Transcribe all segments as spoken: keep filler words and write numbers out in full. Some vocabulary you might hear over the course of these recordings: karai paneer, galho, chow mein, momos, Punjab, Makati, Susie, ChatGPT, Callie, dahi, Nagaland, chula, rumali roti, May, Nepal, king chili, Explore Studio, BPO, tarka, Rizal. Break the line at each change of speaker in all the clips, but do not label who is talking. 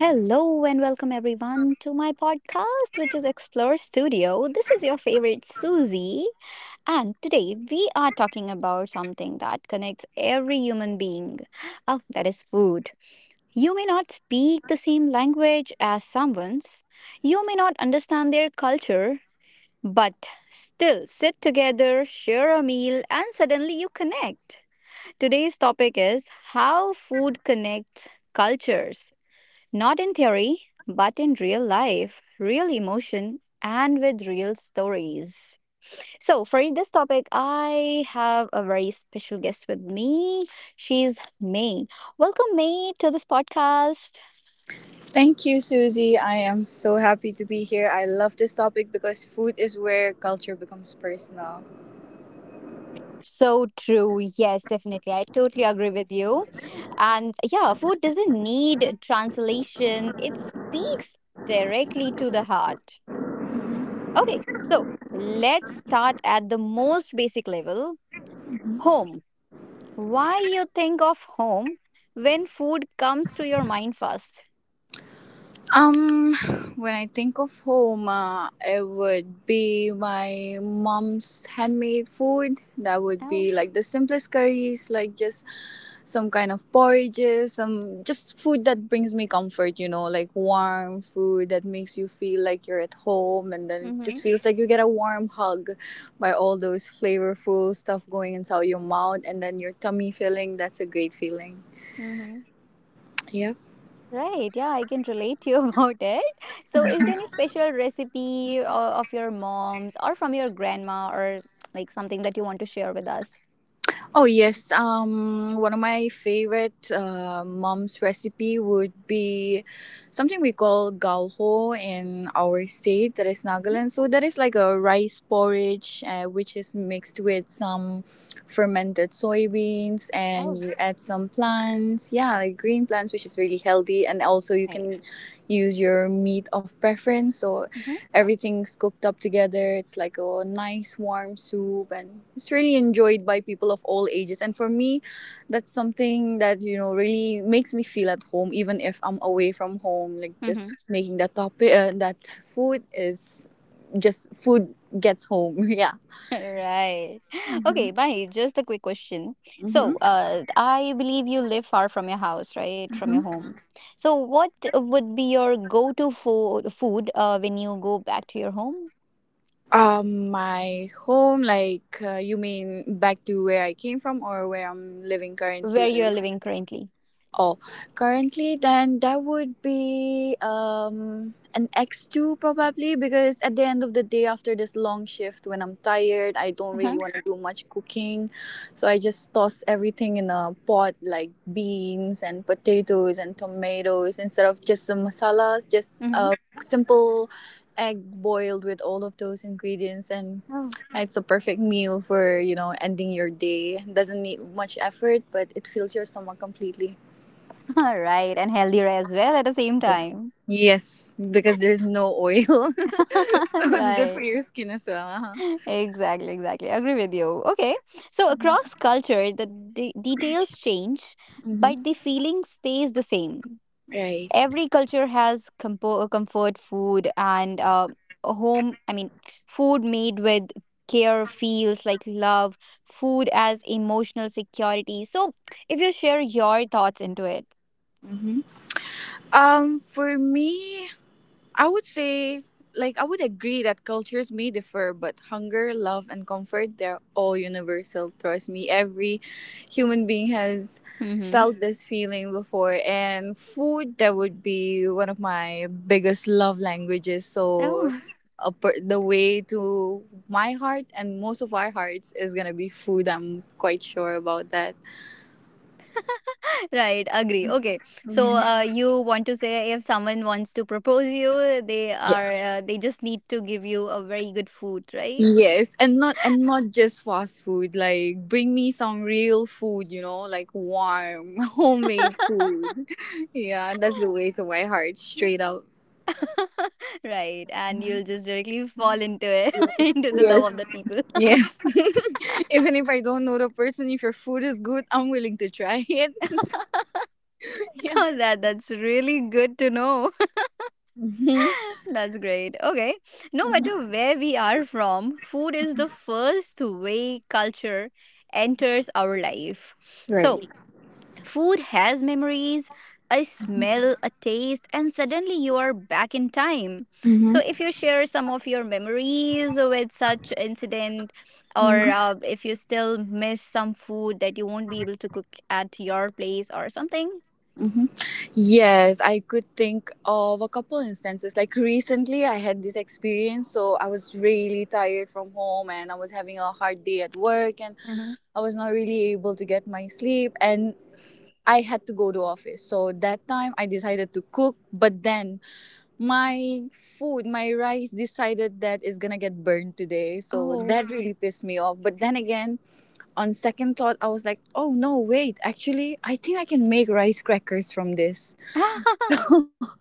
Hello and welcome everyone to my podcast, which is Explore Studio. This is your favorite Susie, and today we are talking about something that connects every human being. Oh, that is food. You may not speak the same language as someone's, you may not understand their culture, but still sit together, share a meal, and suddenly you connect. Today's topic is how food connects cultures. Not in theory, but in real life, real emotion, and with real stories. So, for this topic, I have a very special guest with me. She's May. Welcome, May, to this podcast.
Thank you, Susie. I am so happy to be here. I love this topic because food is where culture becomes personal.
So true. Yes, definitely. I totally agree with you. And yeah, food doesn't need translation, it speaks directly to the heart. Okay, so let's start at the most basic level, home. Why you think of home when food comes to your mind first?
Um, when I think of home, uh, it would be my mom's handmade food. That would
Oh,
be like the simplest curries, like just some kind of porridges, some just food that brings me comfort, you know, like warm food that makes you feel like you're at home and then it
mm-hmm,
just feels like you get a warm hug by all those flavorful stuff going inside your mouth and then your tummy filling. That's a great feeling.
mm-hmm.
Yeah.
Right, yeah, I can relate to you about it. So, is there any special recipe, or of your mom's or from your grandma, or like something that you want to share with us?
Oh yes, um, one of my favorite uh, mom's recipe would be something we call galho in our state, that is
Mhm.
Nagaland. So that is like a rice porridge, uh, which is mixed with some fermented soybeans, and
Oh,
you add some plants, yeah, like green plants, which is really healthy, and also you
right.
can use your meat of preference. So everything's cooked up together. It's like a nice warm soup and it's really enjoyed by people of all ages. And for me, that's something that, you know, really makes me feel at home even if I'm away from home. Like
Mm-hmm.
just making that topic uh, that food is just food gets home. Yeah.
Right.
Mhm.
Okay, bye. Just a quick question. So,
Mhm.
uh, I believe you live far from your house, right? From your
Mhm.
home. So, what would be your go-to fo food uh, when you go back to your home,
Um my home like uh, you mean back to where I came from or where I'm living
where
currently?
you are living currently?
Oh, currently, then that would be um, an X two probably because at the end of the day, after this long shift, when I'm tired, I don't
Uh-huh.
really want to do much cooking. So I just toss everything in a pot like beans and potatoes and tomatoes instead of just the masalas, just
Mm-hmm.
a simple egg boiled with all of those ingredients and
Oh.
it's a perfect meal for you know ending your day. Doesn't need much effort but it fills your stomach completely.
All right, and healthier as well at the same
Yes.
time.
Yes, because there's no oil. So it's good for
Right.
your skin as well. Uh-huh.
Exactly, exactly. Agree with you. Okay. So, across culture, the de details change,
Hmm.
but the feeling stays the same.
Right.
Every culture has compo- comfort food, and uh, a home, I mean, food made with care feels like love. Food as emotional security. So if you share your thoughts into it.
Hmm. Um, for me, I would say, like, I would agree that cultures may differ, but hunger, love, and comfort, they're all universal. Trust me, every human being has
Mm-hmm.
felt this feeling before. And food, that would be one of my biggest love languages. So,
Oh,
a per- the way to my heart and most of our hearts is going to be food. I'm quite sure about that.
right. Agree. Okay. So, uh, you want to say if someone wants to propose you, they are uh, they just need to give you a very good food, right?
Yes, and not and not just fast food. Like bring me some real food, you know, like warm, homemade food. Yeah, that's the way to my heart, straight out.
Right, and you'll just directly fall into it, into the love of the people.
Yes. Even if I don't know the person, if your food is good, I'm willing to try it. Yeah.
Oh, That that's really good to know.
Mhm.
That's great. Okay. No matter where we are from, food is the first way culture enters our life. So, food has memories, a smell, a taste, and suddenly you are back in time.
Mhm.
So, if you share some of your memories with such incident, or
Mhm.
uh, if you still miss some food that you won't be able to cook at your place or something.
Mhm. Yes, I could think of a couple instances. Like recently, I had this experience, so I was really tired from home and I was having a hard day at work and.
Hmm.
I was not really able to get my sleep and I had to go to office. So that time I decided to cook, but then my food, my rice decided that it's going to get burned today. So
Oh,
that really pissed me off. But then again, on second thought, I was like, "Oh no, wait. Actually, I think I can make rice crackers from this."
uh-huh.
So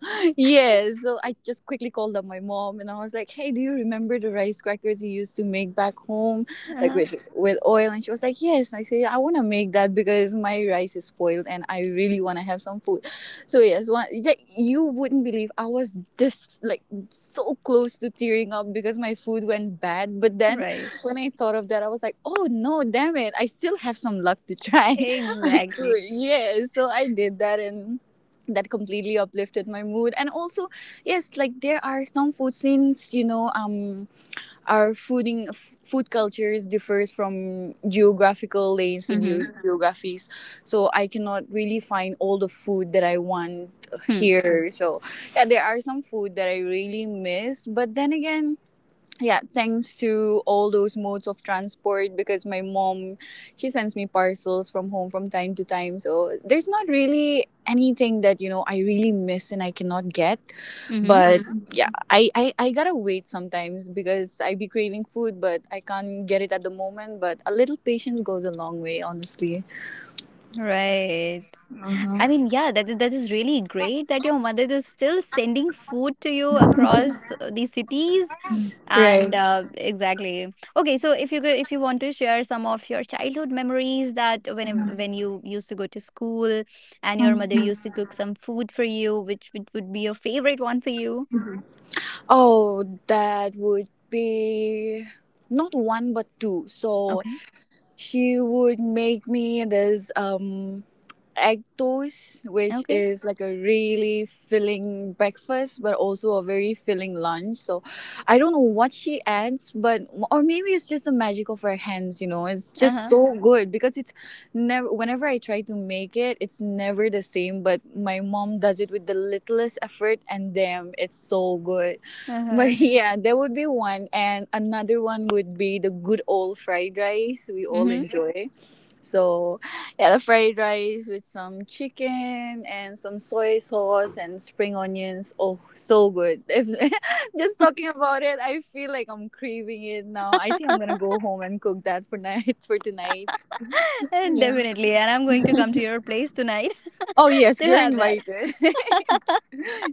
yeah, so I just quickly called up my mom and I was like, "Hey, do you remember the rice crackers you used to make back home, like with with oil?" And she was like, "Yes." And I said, "I want to make that because my rice is spoiled and I really want to have some food." So yes, one like you wouldn't believe I was this like so close to tearing up because my food went bad. But then
Right.
when I thought of that, I was like, "Oh no, damn it! I still have some luck to try." I
Exactly.
could, yeah. So I did that and that completely uplifted my mood. And also yes, like there are some food, since you know um our fooding f- food cultures differs from geographical lanes to geo
Mm-hmm.
geographies, so I cannot really find all the food that I want here. So yeah, there are some food that I really miss, but then again, yeah, thanks to all those modes of transport, because my mom, she sends me parcels from home from time to time, so there's not really anything that you know I really miss and I cannot get. But mhm,
Mm-hmm.
yeah, I, I i gotta wait sometimes because I be craving food but I can't get it at the moment, but a little patience goes a long way, honestly.
Right. I mean, yeah, that that is really great that your mother is still sending food to you across uh, the cities, and uh, exactly. Okay, so if you go, if you want to share some of your childhood memories, that when when you used to go to school and your mother used to cook some food for you, which which would be your favorite one for you?
Oh, that would be not one but two. So
Okay,
she would make me this um egg toast, which
okay,
is like a really filling breakfast, but also a very filling lunch. So I don't know what she adds, but or maybe it's just the magic of her hands. You know, it's
uh
just
huh,
so good because it's never... whenever I try to make it, it's never the same. But my mom does it with the littlest effort, and damn, it's so good.
uh
But
huh,
yeah, there would be one, and another one would be the good old fried rice we all
mm-hmm.
enjoy. So yeah, the fried rice with some chicken and some soy sauce and spring onions. Oh, so good. If, just talking about it, I feel like I'm craving it now. I think I'm gonna go home and cook that for night for tonight. Yeah.
Definitely, and I'm going to come to your place tonight
Oh yes,
to
you're
have that.
invited.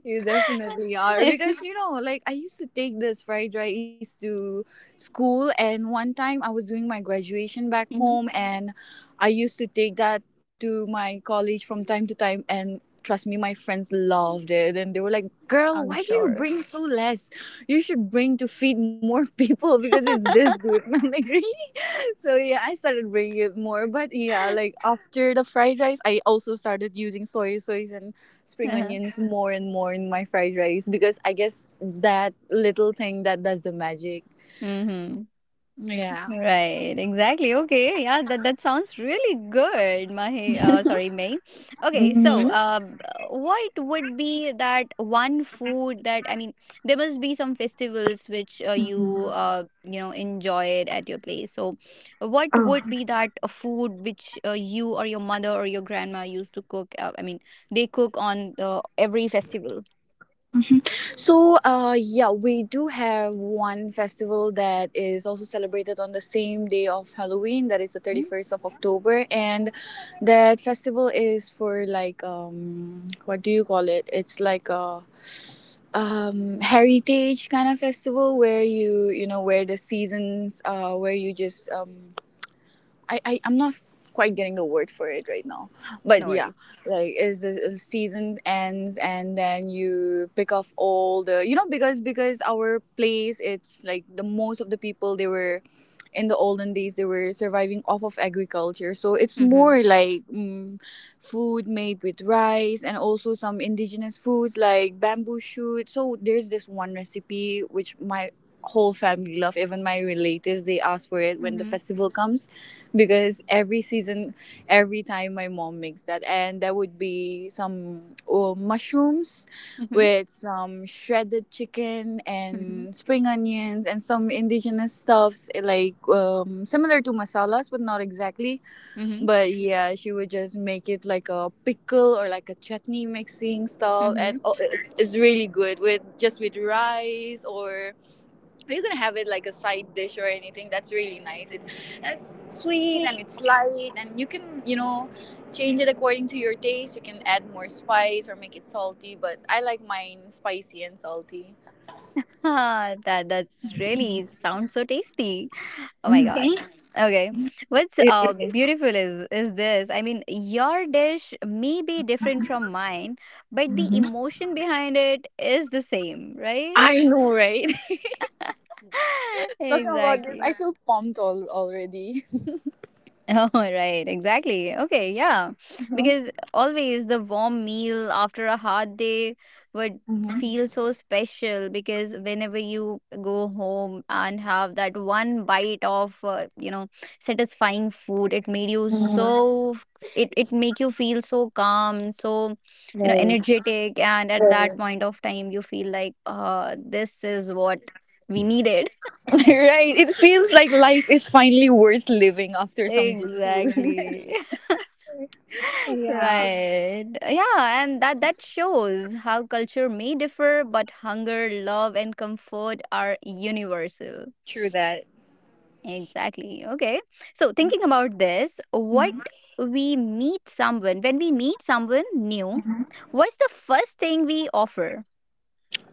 You definitely are, because you know like I used to take this fried rice to school. And one time I was doing my graduation back
Mhm.
home and I used to take that to my college from time to time, and trust me, my friends loved it and they were like,
I'm
girl, why do you
sure.
bring so less, you should bring to feed more people because it's this good. I'm like, really. So yeah, I started bringing it more. But yeah, like after the fried rice, I also started using soy sauce and spring
Uh-huh.
onions more and more in my fried rice, because I guess that little thing that does the magic.
Mhm.
Yeah.
Right. Exactly. Okay. Yeah, that that sounds really good, Mahi. Uh, sorry, May. Okay, so
Mm-hmm.
uh, b- what would be that one food that, I mean, there must be some festivals which uh, you Mm. uh, you know enjoyed at your place. So, what
Oh.
would be that uh, food which uh, you or your mother or your grandma used to cook? Uh, I mean, they cook on uh, every festival.
So, uh, yeah, we do have one festival that is also celebrated on the same day of Halloween, that is the
Mm?
thirty-first of October. And that festival is for like, um, what do you call it? It's like a um, heritage kind of festival where you you know where the seasons uh, where you just um, I, I I'm not quite getting the word for it right now, but
No
yeah,
worries.
like is the season ends and then you pick off all the you know because because our place it's like the most of the people they were in the olden days they were surviving off of agriculture. So it's
Mhm.
more like mm, food made with rice and also some indigenous foods like bamboo shoot. So there's this one recipe which my whole family love, even my relatives they ask for it when the
Mhm.
festival comes, because every season every time my mom makes that. And there would be some uh, mushrooms
Mhm.
with some shredded chicken
Mhm.
and spring onions and some indigenous stuffs, eh, like um, similar to masalas but not exactly.
Mhm.
But yeah, she would just make it like a pickle or like a chutney mixing stuff, and
Mhm.
oh, it- it's really good with just with rice, or you can have it like a side dish or anything. That's really nice. It, it's sweet and it's light, and you can you know change it according to your taste. You can add more spice or make it salty, but I like mine spicy and salty.
Ah, that that's really sounds so tasty. Oh my God.
Mhm.
Okay. What's
It
uh
is.
beautiful is is this. I mean, your dish may be different from mine, but the
Mhm.
emotion behind it is the same, right?
I know, right? Talking about this,
Exactly.
I feel pumped al- already.
Oh, right, exactly. Okay, yeah.
Mhm.
Because always the warm meal after a hard day would
Mhm.
feel so special, because whenever you go home and have that one bite of uh, you know satisfying food, it made you
Mhm.
so it it make you feel so calm, so you know
Right.
energetic, and at that
Right.
point of time you feel like uh this is what we needed.
Right, it feels like life is finally worth living after some good food.
Exactly.
Yeah.
Right. Yeah, and that that shows how culture may differ, but hunger, love, and comfort are universal.
True that.
Exactly. Okay. So thinking about this, what we meet someone when we meet someone new, what's the first thing we offer?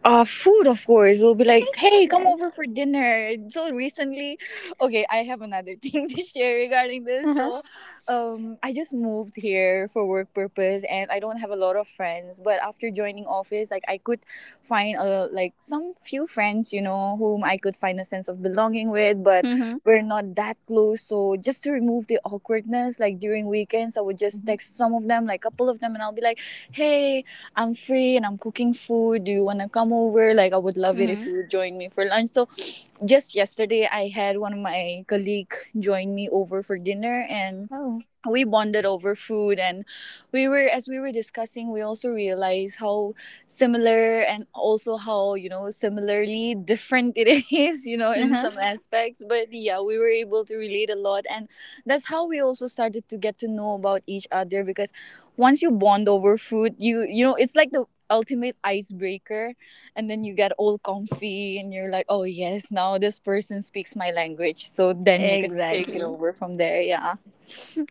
Uh, food, of course. We'll be like, hey, come
Yes.
over for dinner. So recently, okay, I have another thing to share regarding this.
Uh huh.
So, um, I just moved here for work purpose, and I don't have a lot of friends. But after joining office, like I could find a like some few friends, you know, whom I could find a sense of belonging with. But
Mhm.
we're not that close. So just to remove the awkwardness, like during weekends, I would just
Mhm.
text some of them, like couple of them, and I'll be like, hey, I'm free and I'm cooking food. Do you want to come over? Like, I would love it if
Mhm.
you would join me for lunch. So, just yesterday, I had one of my colleague join me over for dinner, and
Oh.
we bonded over food. And we were as we were discussing, we also realized how similar and also how, you know similarly different it is, you know,
Uh
in
huh.
some aspects. But yeah, we were able to relate a lot. And that's how we also started to get to know about each other, because once you bond over food, you you know it's like the ultimate icebreaker. And then you get all comfy and you're like, oh yes, now this person speaks my language, so then you can take it
Exactly.
over from there. Yeah.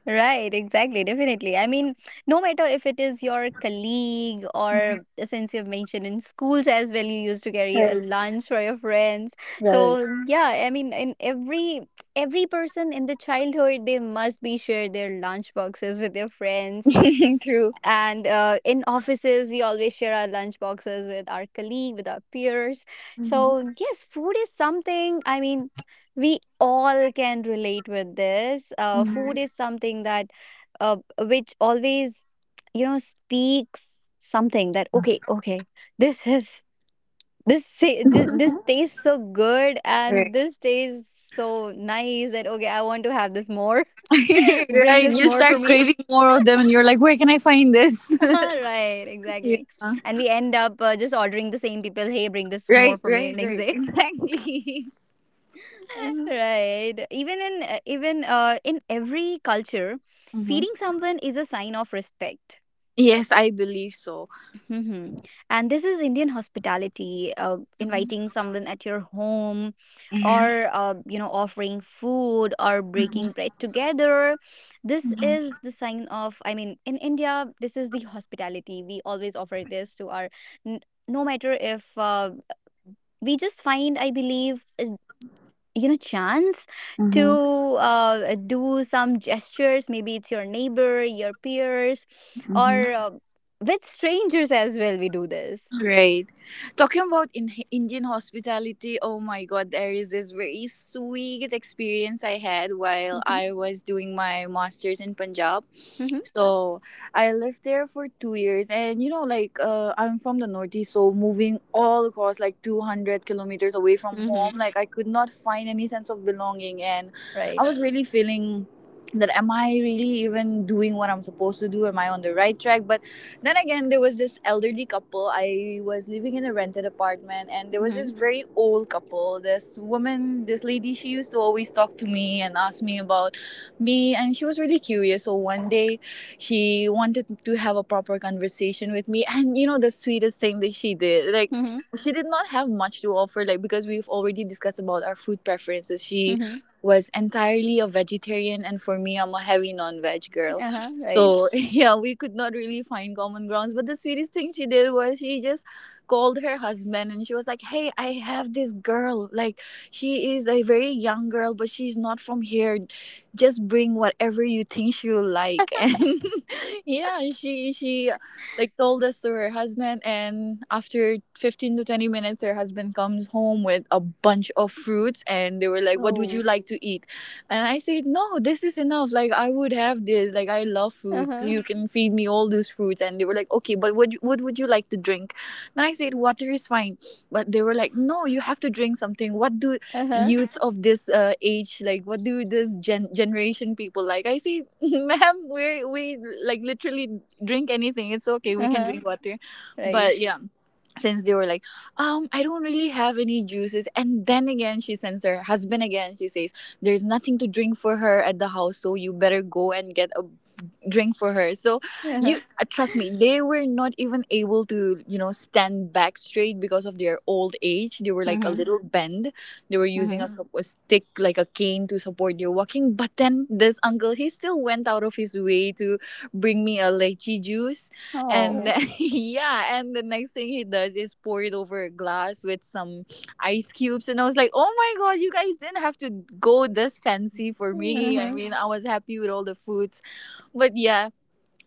Right, exactly, definitely. I mean, no matter if it is your colleague, or uh, since you've mentioned in schools as well, you used to carry a lunch for your friends.
Right.
So yeah, I mean, in every every person in the childhood, they must be share their lunch boxes with their friends,
True.
and uh, in offices we always share our lunch boxes with our colleague, with our peers.
Mhm.
So yes, food is something, I mean, we all can relate with this. Uh, food
Mhm.
is something that uh, which always you know speaks something, that okay okay, this is this sa- this, this tastes so good, and this tastes so nice, that okay, I want to have this more. Bring
Right.
this
You
more for
start
me.
craving more of them and you're like, where can I find this?
Right,
Yeah.
exactly. And we end up uh, just ordering the same people, hey, bring this more
Right,
for me
right,
next
right.
day.
Exactly.
Right. Even in uh, even uh, in every culture,
Mm-hmm.
feeding someone is a sign of respect.
Yes, I believe so.
Mm-hmm. And this is Indian hospitality, uh, inviting someone at your home, or, uh, you know, offering food or breaking bread together. This is the sign of, I mean, in India, this is the hospitality. We always offer this to our, n- no matter if uh, we just find, I believe, you know chance to
Mm-hmm.
uh, do some gestures, maybe it's your neighbor, your peers,
Mm-hmm.
or uh, with strangers as well, we do this.
Right. Talking about in Indian hospitality, oh my god, there is this very sweet experience I had while
Mm-hmm.
I was doing my masters in Punjab.
Mm-hmm.
So I lived there for two years, and you know, like uh, I'm from the northeast, so moving all across like two hundred kilometers away from
Mm-hmm.
home, like I could not find any sense of belonging. And I
Right.
was really feeling, that am I really even doing what I'm supposed to do? Am I on the right track? But then again, there was this elderly couple. I was living in a rented apartment, and there was
Mm-hmm.
this very old couple. This woman, this lady, she used to always talk to me and ask me about me, and she was really curious. So one day, she wanted to have a proper conversation with me, and you know, the sweetest thing that she did, like,
Mm-hmm.
she did not have much to offer, like, because we've already discussed about our food preferences. She
Mm-hmm.
was entirely a vegetarian, and for me, I'm a heavy non veg girl.
Uh-huh. Right.
So yeah, we could not really find common grounds. But the sweetest thing she did was she just called her husband and she was like, "Hey, I have this girl. Like she is a very young girl, but she's not from here. Just bring whatever you think she'll like." And yeah, she she like told us to her husband, and after fifteen to twenty minutes, her husband comes home with a bunch of fruits, and they were like, "What would you
Oh.
like to eat?" And I said, "No, this is enough. Like, I would have this. Like, I love fruits.
Uh-huh.
You can feed me all these fruits." And they were like, "Okay, but what, what would you like to drink?" Then I said, "Water is fine." But they were like, "No, you have to drink something. What do
Uh-huh.
youths of this uh, age, like, what do this gen- generation people like?" I say, "Ma'am, we, we like literally drink anything. It's okay. We can
Uh-huh.
drink water."
Right.
But yeah, since they were like, um I don't really have any juices. And then again, she sends her husband again. She says, there's nothing to drink for her at the house, so you better go and get a drink for her. So you,
Uh-huh.
uh, trust me, they were not even able to, you know, stand back straight because of their old age. They were like a
Mm-hmm.
little bend. They were
Mm-hmm.
using a, Mm. sup- a stick like a cane to support their walking. But then this uncle, he still went out of his way to bring me a lychee juice. And
Oh.
Mm. yeah, and the next thing he does is pour it over a glass with some ice cubes. And I was like, "Oh my god, you guys didn't have to go this fancy for me." I
Uh-huh.
mean, I was happy with all the food. But yeah,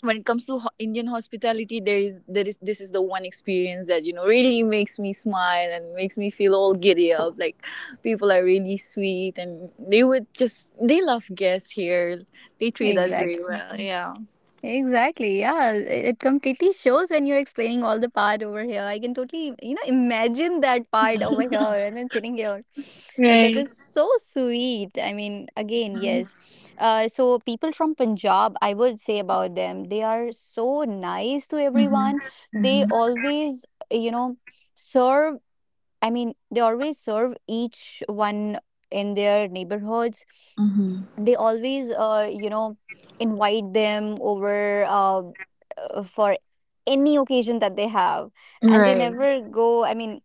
when it comes to ho- Indian hospitality, there is there is this is the one experience that, you know, really makes me smile and makes me feel all giddy up. Like, people are really sweet, and they would just, they love guests here. They treat us very
Exactly.
well. Yeah.
Exactly. Yeah. It it completely shows when you're explaining all the part over here. I can totally, you know, imagine that part over here, and then sitting here. That, that is so sweet. I mean, again, yes. Uh, so people from Punjab, I would say about them, they are so nice to
Mm-hmm.
everyone. They always, you know, serve. I mean, they always serve each one in their neighborhoods.
Mm-hmm.
They always uh, you know invite them over uh, uh, for any occasion that they have, and they
Right,
never go, I mean,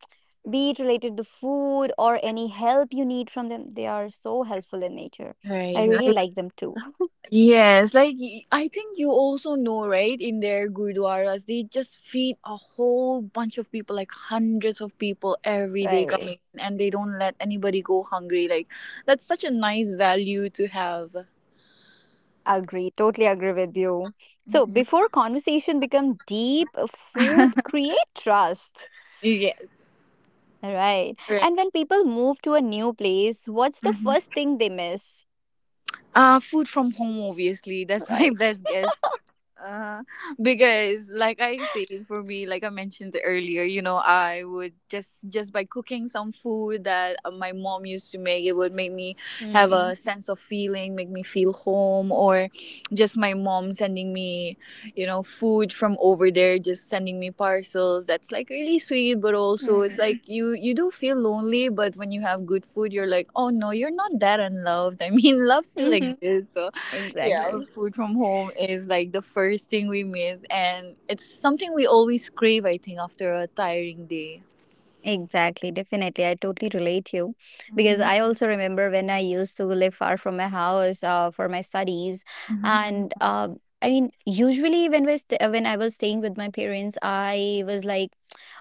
be it related to food or any help you need from them, they are so helpful in nature. I really
right.
like them too.
Yes, like y- I think you also know, right? In their gurdwaras, they just feed a whole bunch of people, like hundreds of people every day
Right.
coming in, and they don't let anybody go hungry. Like, that's such a nice value to have.
Agree, totally agree with you. So
Mhm.
before conversation become deep, uh, food create trust.
Yes,
Right.
right.
And when people move to a new place, what's the
Mhm.
first thing they miss?
Uh, food from home, obviously. That's my
Right.
best guess. Uh, because like I say, for me, like I mentioned earlier, you know, I would just just by cooking some food that uh, my mom used to make, it would make me have
Mm.
a sense of feeling, make me feel home. Or just my mom sending me, you know, food from over there, just sending me parcels, that's like really sweet. But also it's
Mm.
like, you you do feel lonely, but when you have good food you're like, oh no, you're not that unloved. I mean, love still
Mhm.
exists. So yeah,
Exactly.
food from home is like the first thing we miss, and it's something we always crave, I think, after a tiring day.
Exactly. Definitely. I totally relate to you, because
Mhm,
I also remember when I used to live far from my house uh, for my studies.
mhm,
And uh, I mean, usually when, we st- uh, when I was staying with my parents, I was like,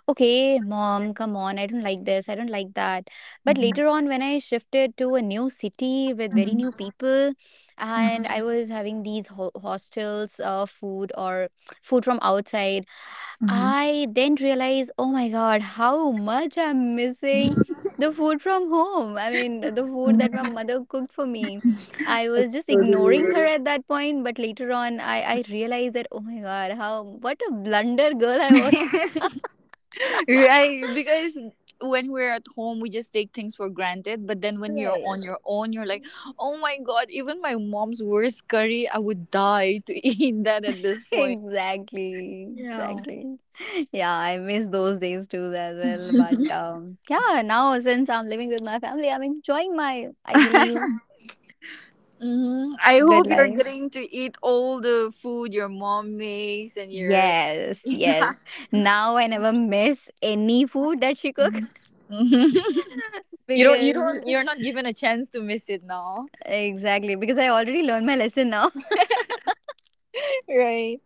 okay, mom, come on. I don't like this. I don't like that. But
mhm,
later on, when I shifted to a new city with very
mhm,
new people, and I was having these ho- hostels, uh, food or food from outside,
mhm,
I then realized, oh my god, how much I'm missing the food from home. I mean, the food that my
mhm.
mother cooked for me. I
I
was just
totally
ignoring her
relate.
at that point, but later on, I, I realized that, oh my god, how what a blunder girl I was.
Right, because when we're at home we just take things for granted, but then when you're
Right.
on your own you're like, oh my god, even my mom's worst curry I would die to eat that at this point.
Exactly.
Yeah.
Exactly. Yeah, I miss those days too as well. But um, yeah, now since I'm living with my family, I'm enjoying my, I believe,
Hmm, I
good
hope you're
life.
getting to eat all the food your mom makes and your
Yes,
yeah.
yes. Now I never miss any food that she cook.
Mhm. you don't you
because
don't you're not given a chance to miss it now.
exactly because I already learned my lesson now,
Right.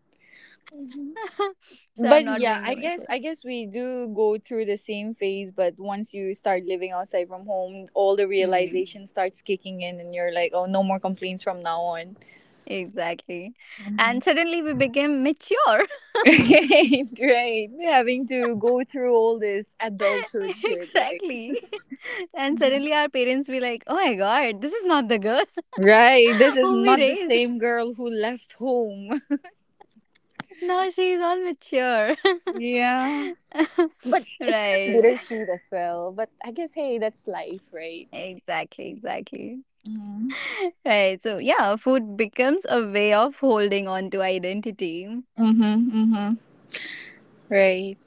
Mhm.
so I'm
But
not
yeah,
going
I
to miss
guess,
it.
I guess we do go through the same phase, but once you start living outside from home, all the
Mm,
realization starts kicking in and you're like, "Oh, no more complaints from now on."
exactly,
Mhm.
and suddenly we became mature.
Right, right. Having to go through all this adulthood shit, right?
Exactly, and suddenly our parents be like, "Oh my God, this is not the girl
Right. This is
whom we
not the
raised.
same girl who left home.
Now she is all mature."
Yeah. But it's kind of
Right.
bittersweet as well. But I guess, hey, that's life, right?
Exactly. Exactly.
Mm-hmm.
Right. So yeah, food becomes a way of holding on to identity,
Mm-hmm. Mm-hmm. Right.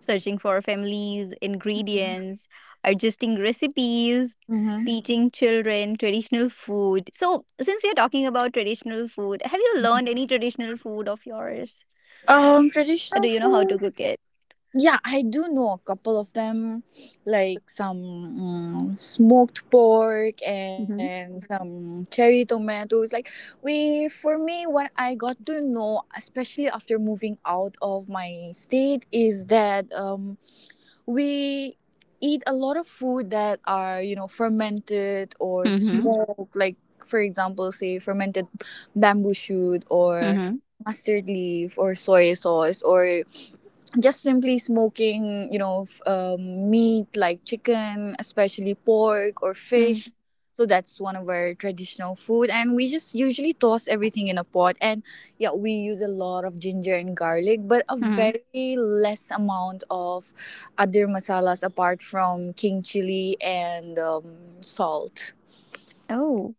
searching for families, ingredients, adjusting recipes,
Mm-hmm.
teaching children traditional food. So, since we are talking about traditional food, have you learned any traditional food of yours?
Um,
Or do
traditional
you know how to
food.
cook it?
Yeah, I do know a couple of them, like some mm, smoked pork
Mm-hmm.
and some cherry tomatoes. Like, we, for me, what I got to know, especially after moving out of my state, is that um we eat a lot of food that are, you know, fermented or
Mm-hmm.
smoked. Like, for example, say fermented bamboo shoot, or
Mm-hmm.
mustard leaf, or soy sauce, or just simply smoking, you know, f- um, meat like chicken, especially pork or
Mm-hmm.
fish. So that's one of our traditional food, and we just usually toss everything in a pot. And yeah, we use a lot of ginger and garlic, but a
Mm-hmm.
very less amount of other masalas apart from king chili and um, salt.
Oh,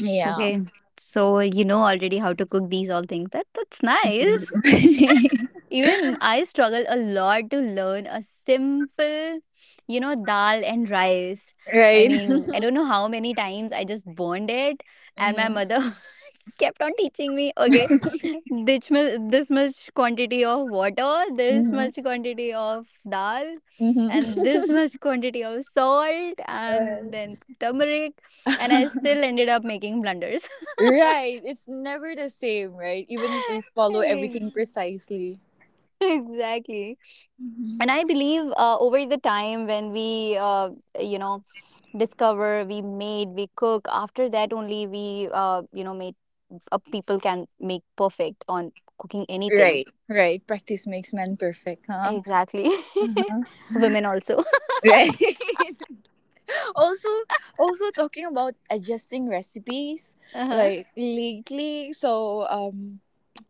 Yeah,
okay. So, you know already how to cook these all things. That, that's
I
nice.
think-
Even I struggle a lot to learn a simple, you know, dal and rice. I
right.
mean, I don't know how many times I just burned it, and my mother kept on teaching me, okay, this much, this much quantity of water, this
Hmm,
much quantity of dal,
hmm,
and this much quantity of salt, and then turmeric, and I
hmm.
still ended up making blunders.
Right. It's never the same, right? Even if we follow
Ex-
everything precisely.
Exactly. and i believe uh, over the time when we uh, you know discover we made we cook after that only we uh, you know made uh, people can make perfect on cooking anything.
Right. Right. Practice makes man perfect, huh?
Exactly.
Uh-huh.
Women also.
Right. Also, also talking about adjusting recipes,
Uh-huh.
like lately, so um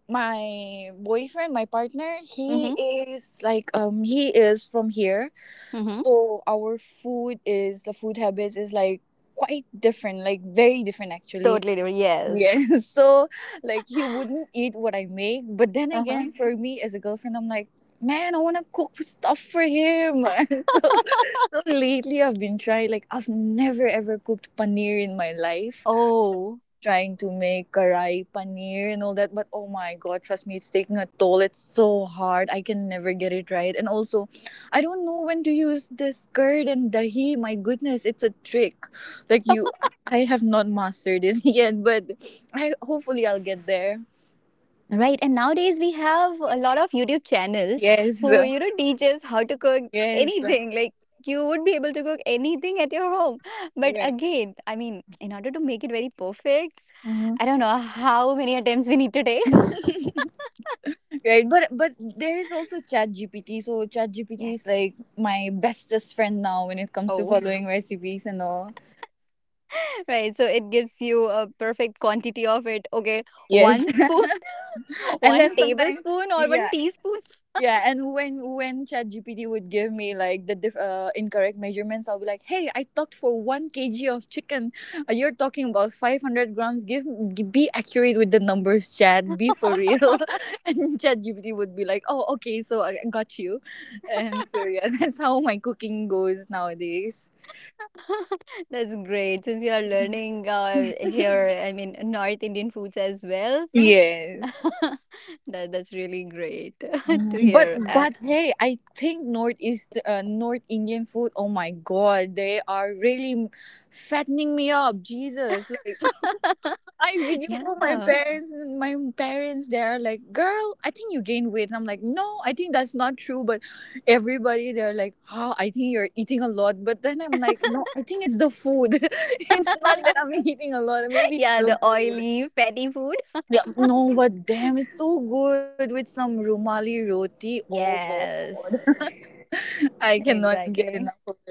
my boyfriend, my partner, he
Mm-hmm.
is like, um he is from here.
Mm-hmm.
So our food is, the food habits is like quite different, like very different actually.
Totally different. Yes.
Yes. So, like, he wouldn't eat what I make. But then
Uh-huh.
again, for me as a girlfriend, I'm like, man, I wanna cook stuff for him. So, so lately I've been trying, like I've never ever cooked paneer in my life,
Oh.
trying to make karai paneer and all that. But oh my god, trust me, it's taking a toll. It's so hard, I can never get it right. And also, I don't know when to use this curd and dahi. My goodness, it's a trick. Like, you I I have not mastered it yet. But I hopefully I'll get there.
Right, and nowadays we have a lot of YouTube channels
Yes,
who, you know, teaches how to cook
yes,
anything. Like you would be able to cook anything at your home, but
right,
again, I mean, in order to make it very perfect,
hmm.
I don't know how many attempts we need to take.
Right, but but there is also ChatGPT. So ChatGPT is
Yes.
like my bestest friend now when it comes to
Oh,
following recipes and all.
right. So it gives you a perfect quantity of it. Okay,
Yes.
one spoon,
And
one
then sometimes,
tablespoon, or one
yeah,
teaspoon.
yeah. And when when ChatGPT would give me like the diff, uh, incorrect measurements, I'll be like, hey, I talked for one k g of chicken. Uh, you're talking about five hundred grams. Give g- be accurate with the numbers, chat, be for real. And ChatGPT would be like, oh okay, so i I got you. And so yeah, that's how my cooking goes nowadays.
That's great. Since you are learning uh, here, I mean, North Indian foods as well.
Yes.
that, that's really great to
Mhm. But
hear. And
but hey, I think northeast uh, North Indian food, oh my god, they are really fattening me up. Jesus, like I video call my
yeah,
parents, and my parents, they're like, "Girl, I think you gained weight," and I'm like, "No, I think that's not true." But everybody, they're like, "Oh, I think you're eating a lot." But then I'm like, "No, I think it's the food. It's not that I'm eating a lot. Maybe it's
yeah,
the
the
food."
oily, fatty food.
Yeah, no, but damn, it's so good with some rumali roti. Oh god.
Yes,
I cannot get enough
exactly.
of it.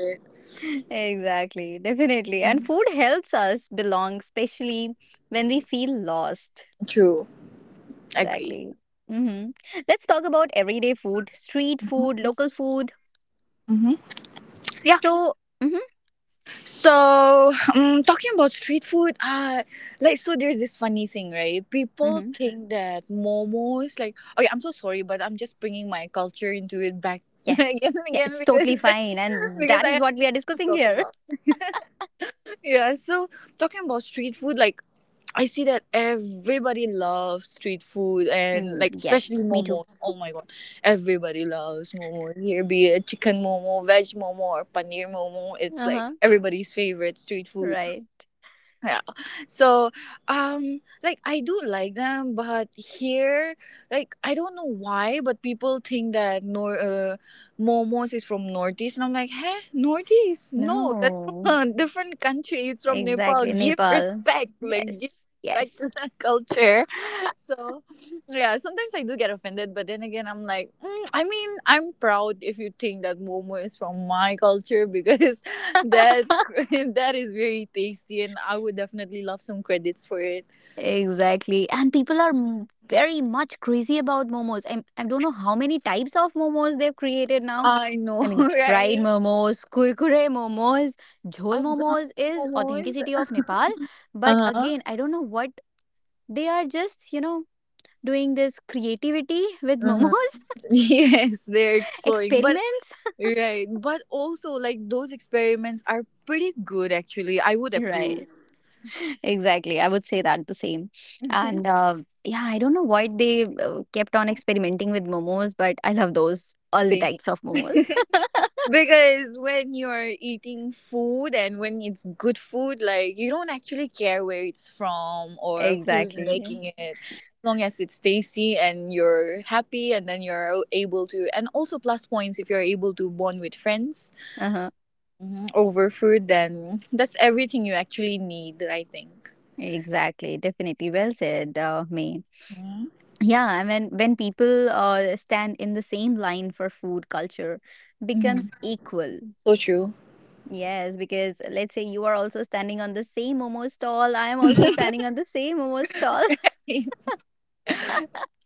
Exactly. Definitely. And food helps us belong, especially when we feel lost.
True. Agreed.
Exactly. Hmm. Let's talk about everyday food, street food, local food.
Mm-hmm. Yeah.
So, mhm,
So, um, talking about street food, uh, like, so there's this funny thing, right? People
mhm.
think that momos, like, okay, I'm so sorry, but I'm just bringing my culture into it back
Yes.
again and
Yeah,
again
it's
because,
totally fine. And
because
that
I
is
have
what we are
to
discussing
talk
here.
about. Yeah. So, talking about street food, like, I see that everybody loves street food and like
Mm,
especially
yes, me too.
momos. Oh my god, everybody loves momos. Here be it chicken momo, veg momo, or paneer momo. It's
Uh
like
huh.
everybody's favorite street food.
Right.
Yeah. So, um, like I do like them, but here, like I don't know why, but people think that nor uh, momos is from Northeast, and I'm like, huh, Northeast? No, that's
No.
from a different country. It's from Nepal.
Exactly.
Give
Nepal.
respect, like give
Yes.
respect to
Yes.
the culture. So, yeah, sometimes I do get offended, but then again, I'm like, mm, I mean, I'm proud if you think that momo is from my culture because that that is very tasty, and I would definitely love some credits for it.
Exactly. And people are m- very much crazy about momos. I, I don't know how many types of momos they've created now.
I know,
I mean, fried
right?
momos, kurkure momos, jhol momos
Afghani
is
momos.
authenticity of Nepal. But
Uh huh.
again, I don't know what they are just, you know, doing this creativity with
Uh huh.
momos.
Yes, they're exploring, but
Experiments.
right, but also like those experiments are pretty good. Actually, I would approve.
Right, exactly, I would say that the same. and uh, yeah, I don't know why they uh, kept on experimenting with momos, but I love those all the
Same.
types of momos.
Because when you're eating food and when it's good food, like you don't actually care where it's from or who's
Exactly.
making it. As long as it's tasty and you're happy and then you're able to and also plus points if you're able to bond with friends
Uh-huh.
mhm, over food, then that's everything you actually need, I think.
Exactly. Definitely well said, uh, me.
Mhm.
Yeah, I mean, when people uh, stand in the same line for food, culture
Mhm.
becomes equal.
So true.
Yes, because uh, let's say you are also standing on the same momo stall. I am also standing on the same momo stall.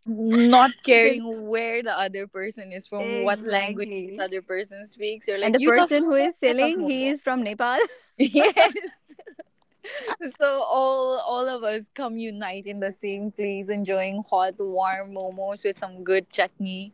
Not
The-
caring where the other person is from, what language the
exactly.
other person speaks. You're like,
And the
you love
person who
Momo,
is
I love
selling, he
Momo.
is from Nepal.
Yes. So all all of us come unite in the same place, enjoying hot, warm momos with some good chutney.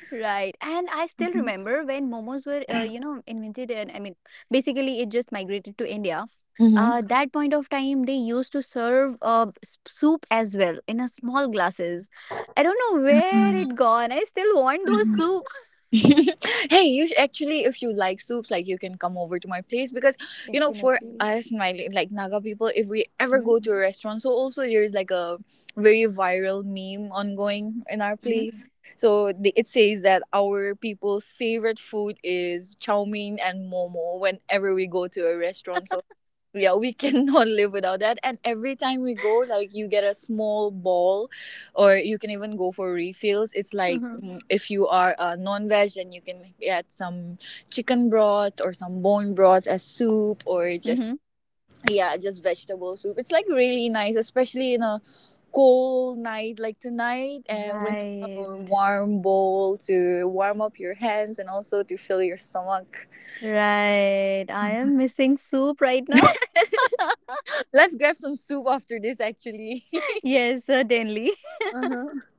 Right. And I still remember when momos were, uh, you know, invented, and I mean, basically it just migrated to India.
Mm-hmm.
Uh, that point of time, they used to serve uh, s- soup as well in a small glasses. I don't know where it gone. I still want those soup.
Hey, you sh- actually, if you like soups, like you can come over to my place because you know, for
Definitely.
us, my like Naga people, if we ever
Mm-hmm.
go to a restaurant, so also there's like a very viral meme ongoing in our place. So the, it says that our people's favorite food is chow mein and momo whenever we go to a restaurant. So yeah, we cannot live without that, and every time we go, like you get a small ball or you can even go for refills. It's like,
Mm-hmm.
mm, if you are a non-veg, then you can get some chicken broth or some bone broth as soup, or
Mm-hmm.
just yeah, just vegetable soup. It's like really nice, especially in a cold night like tonight, and when you have a
Right,
warm bowl to warm up your hands and also to fill your stomach.
right. I am missing soup right now.
Let's grab some soup after this actually.
Yes, certainly.
Uh-huh.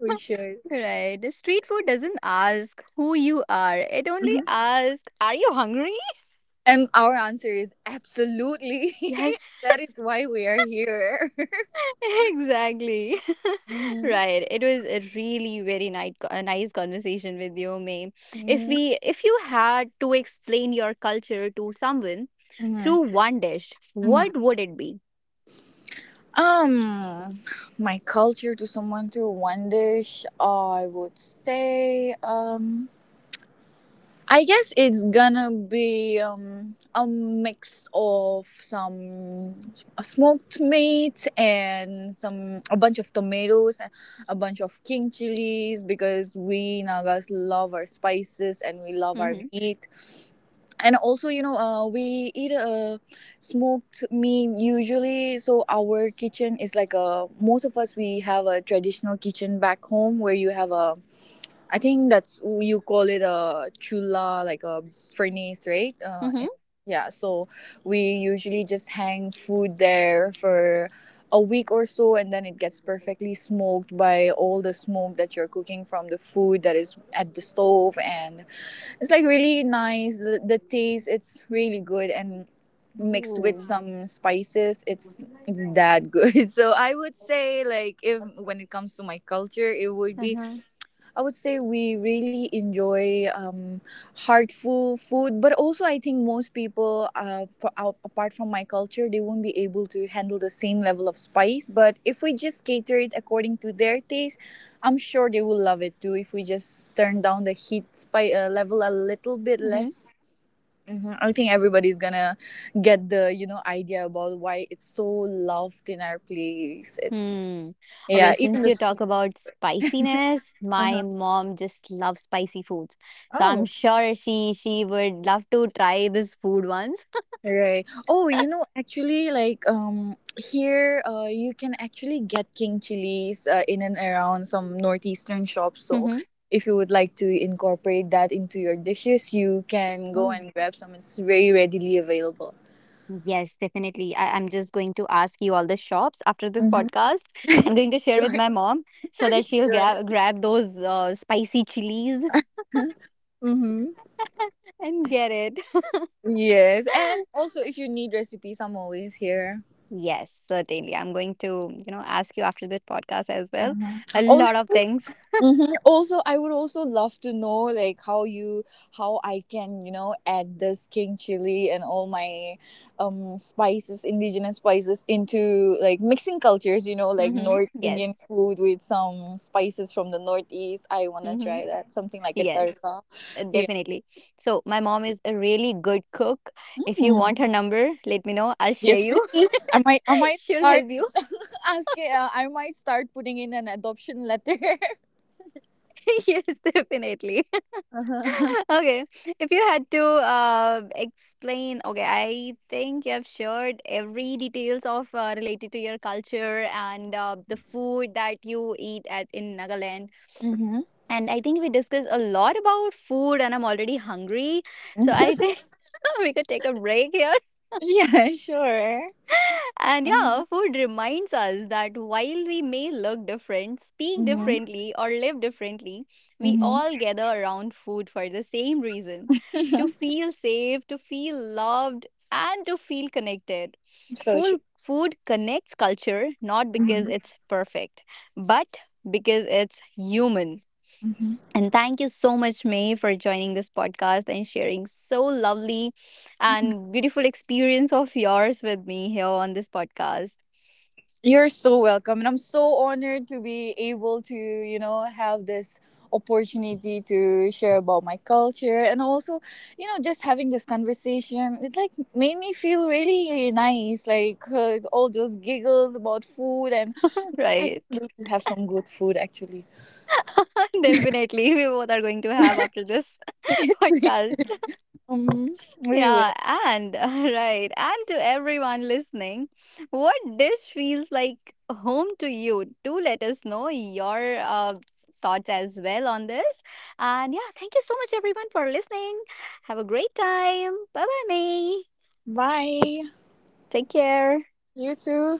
We should.
Right. The Street food doesn't ask who you are. It only
Mhm.
asks, are you hungry?
And our answer is absolutely.
Yes,
That is why we are here.
exactly.
Mhm,
Right. It was a really very nice, a nice conversation with you, May. If
mhm,
we, if you had to explain your culture to someone
mhm,
through one dish,
mhm.
what would it be?
Um, my culture to someone through one dish, I would say, um, I guess it's gonna be um, a mix of some smoked meat and some, a bunch of tomatoes and a bunch of king chilies, because we Nagas love our spices and we love our
Mm-hmm.
meat. And also, you know, uh, we eat uh, smoked meat usually. So our kitchen is like, a most of us we have a traditional kitchen back home where you have a, I think that's, you call it a chula, like a furnace, right? Uh, in-
Mm-hmm.
yeah. So we usually just hang food there for a week or so, and then it gets perfectly smoked by all the smoke that you're cooking from the food that is at the stove, and it's like really nice. The, the taste, it's really good, and mixed with some spices, it's it's that good. So I would say, like, if, when it comes to my culture, it would be,
Uh-huh.
I would say we really enjoy um, heartful food, but also I think most people, uh, for, out, apart from my culture, they won't be able to handle the same level of spice. But if we just cater it according to their taste, I'm sure they will love it too. If we just turn down the heat spice uh, level a little bit
Mhm.
less. Hmm, I think everybody's gonna get the, you know, idea about why it's so loved in our place. It's,
Hmm.
yeah,
Okay,
even
since
the
you
soup.
talk about spiciness, my
Uh-huh.
mom just loves spicy foods. So I'm
Oh.
sure she she would love to try this food once.
Right. Oh, you know, actually, like um, here, uh, you can actually get king chilies uh, in and around some northeastern shops. So,
Mm-hmm.
if you would like to incorporate that into your dishes, you can go
Oh.
and grab some. It's very readily available.
Yes, definitely. I, I'm just going to ask you all the shops after this
Mm-hmm.
podcast. I'm going to share with
Sure.
my mom so that she'll
Sure.
ga- grab those uh, spicy chilies
Mm-hmm.
and get it.
Yes, and also if you need recipes, I'm always here.
Yes, certainly. I'm going to, you know, ask you after this podcast as well.
Mhm.
A
Also,
lot of things.
mm-hmm. Also, I would also love to know like how you, how I can, you know, add this king chili and all my um spices, indigenous spices, into like mixing cultures. You know, like
Mm-hmm.
North Indian
Yes.
food with some spices from the Northeast. I wanna
Mm-hmm.
try that, something like a
Yes,
tarka.
uh,
Yeah.
definitely. So my mom is a really good cook. If you
Mm.
want her number, let me know. I'll share
Yes,
you.
please. I might I might
She'll
start
help you.
asking. Uh, I might start putting in an adoption letter.
Yes, definitely.
Uh-huh.
Okay. If you had to uh, explain, okay, I think you have shared every details of uh, related to your culture and uh, the food that you eat at in Nagaland.
Mm-hmm.
And I think we discussed a lot about food, and I'm already hungry. So I think we could take a break here.
Yeah, sure.
And
Uh
yeah,
huh.
food reminds us that while we may look different, speak
Mm-hmm.
differently, or live differently, we
Mm-hmm.
all gather around food for the same reason: to feel safe, to feel loved, and to feel connected.
So true.
Food, food connects culture not because
Hmm.
it's perfect, but because it's human.
Hmm.
And thank you so much, May, for joining this podcast and sharing so lovely and beautiful experience of yours with me here on this podcast.
You're so welcome, and I'm so honored to be able to, you know, have this opportunity to share about my culture, and also, you know, just having this conversation. It like made me feel really nice, like uh, all those giggles about food, and I can't
Right.
wait to have some good food actually.
Definitely. We both are going to have after this
Yes, we,
podcast.
um, we will.
Yeah, and right, and to everyone listening, what dish feels like home to you? Do let us know your uh, thoughts as well on this. And yeah, thank you so much, everyone, for listening. Have a great time. Bye bye, May.
Bye.
Take care.
You too.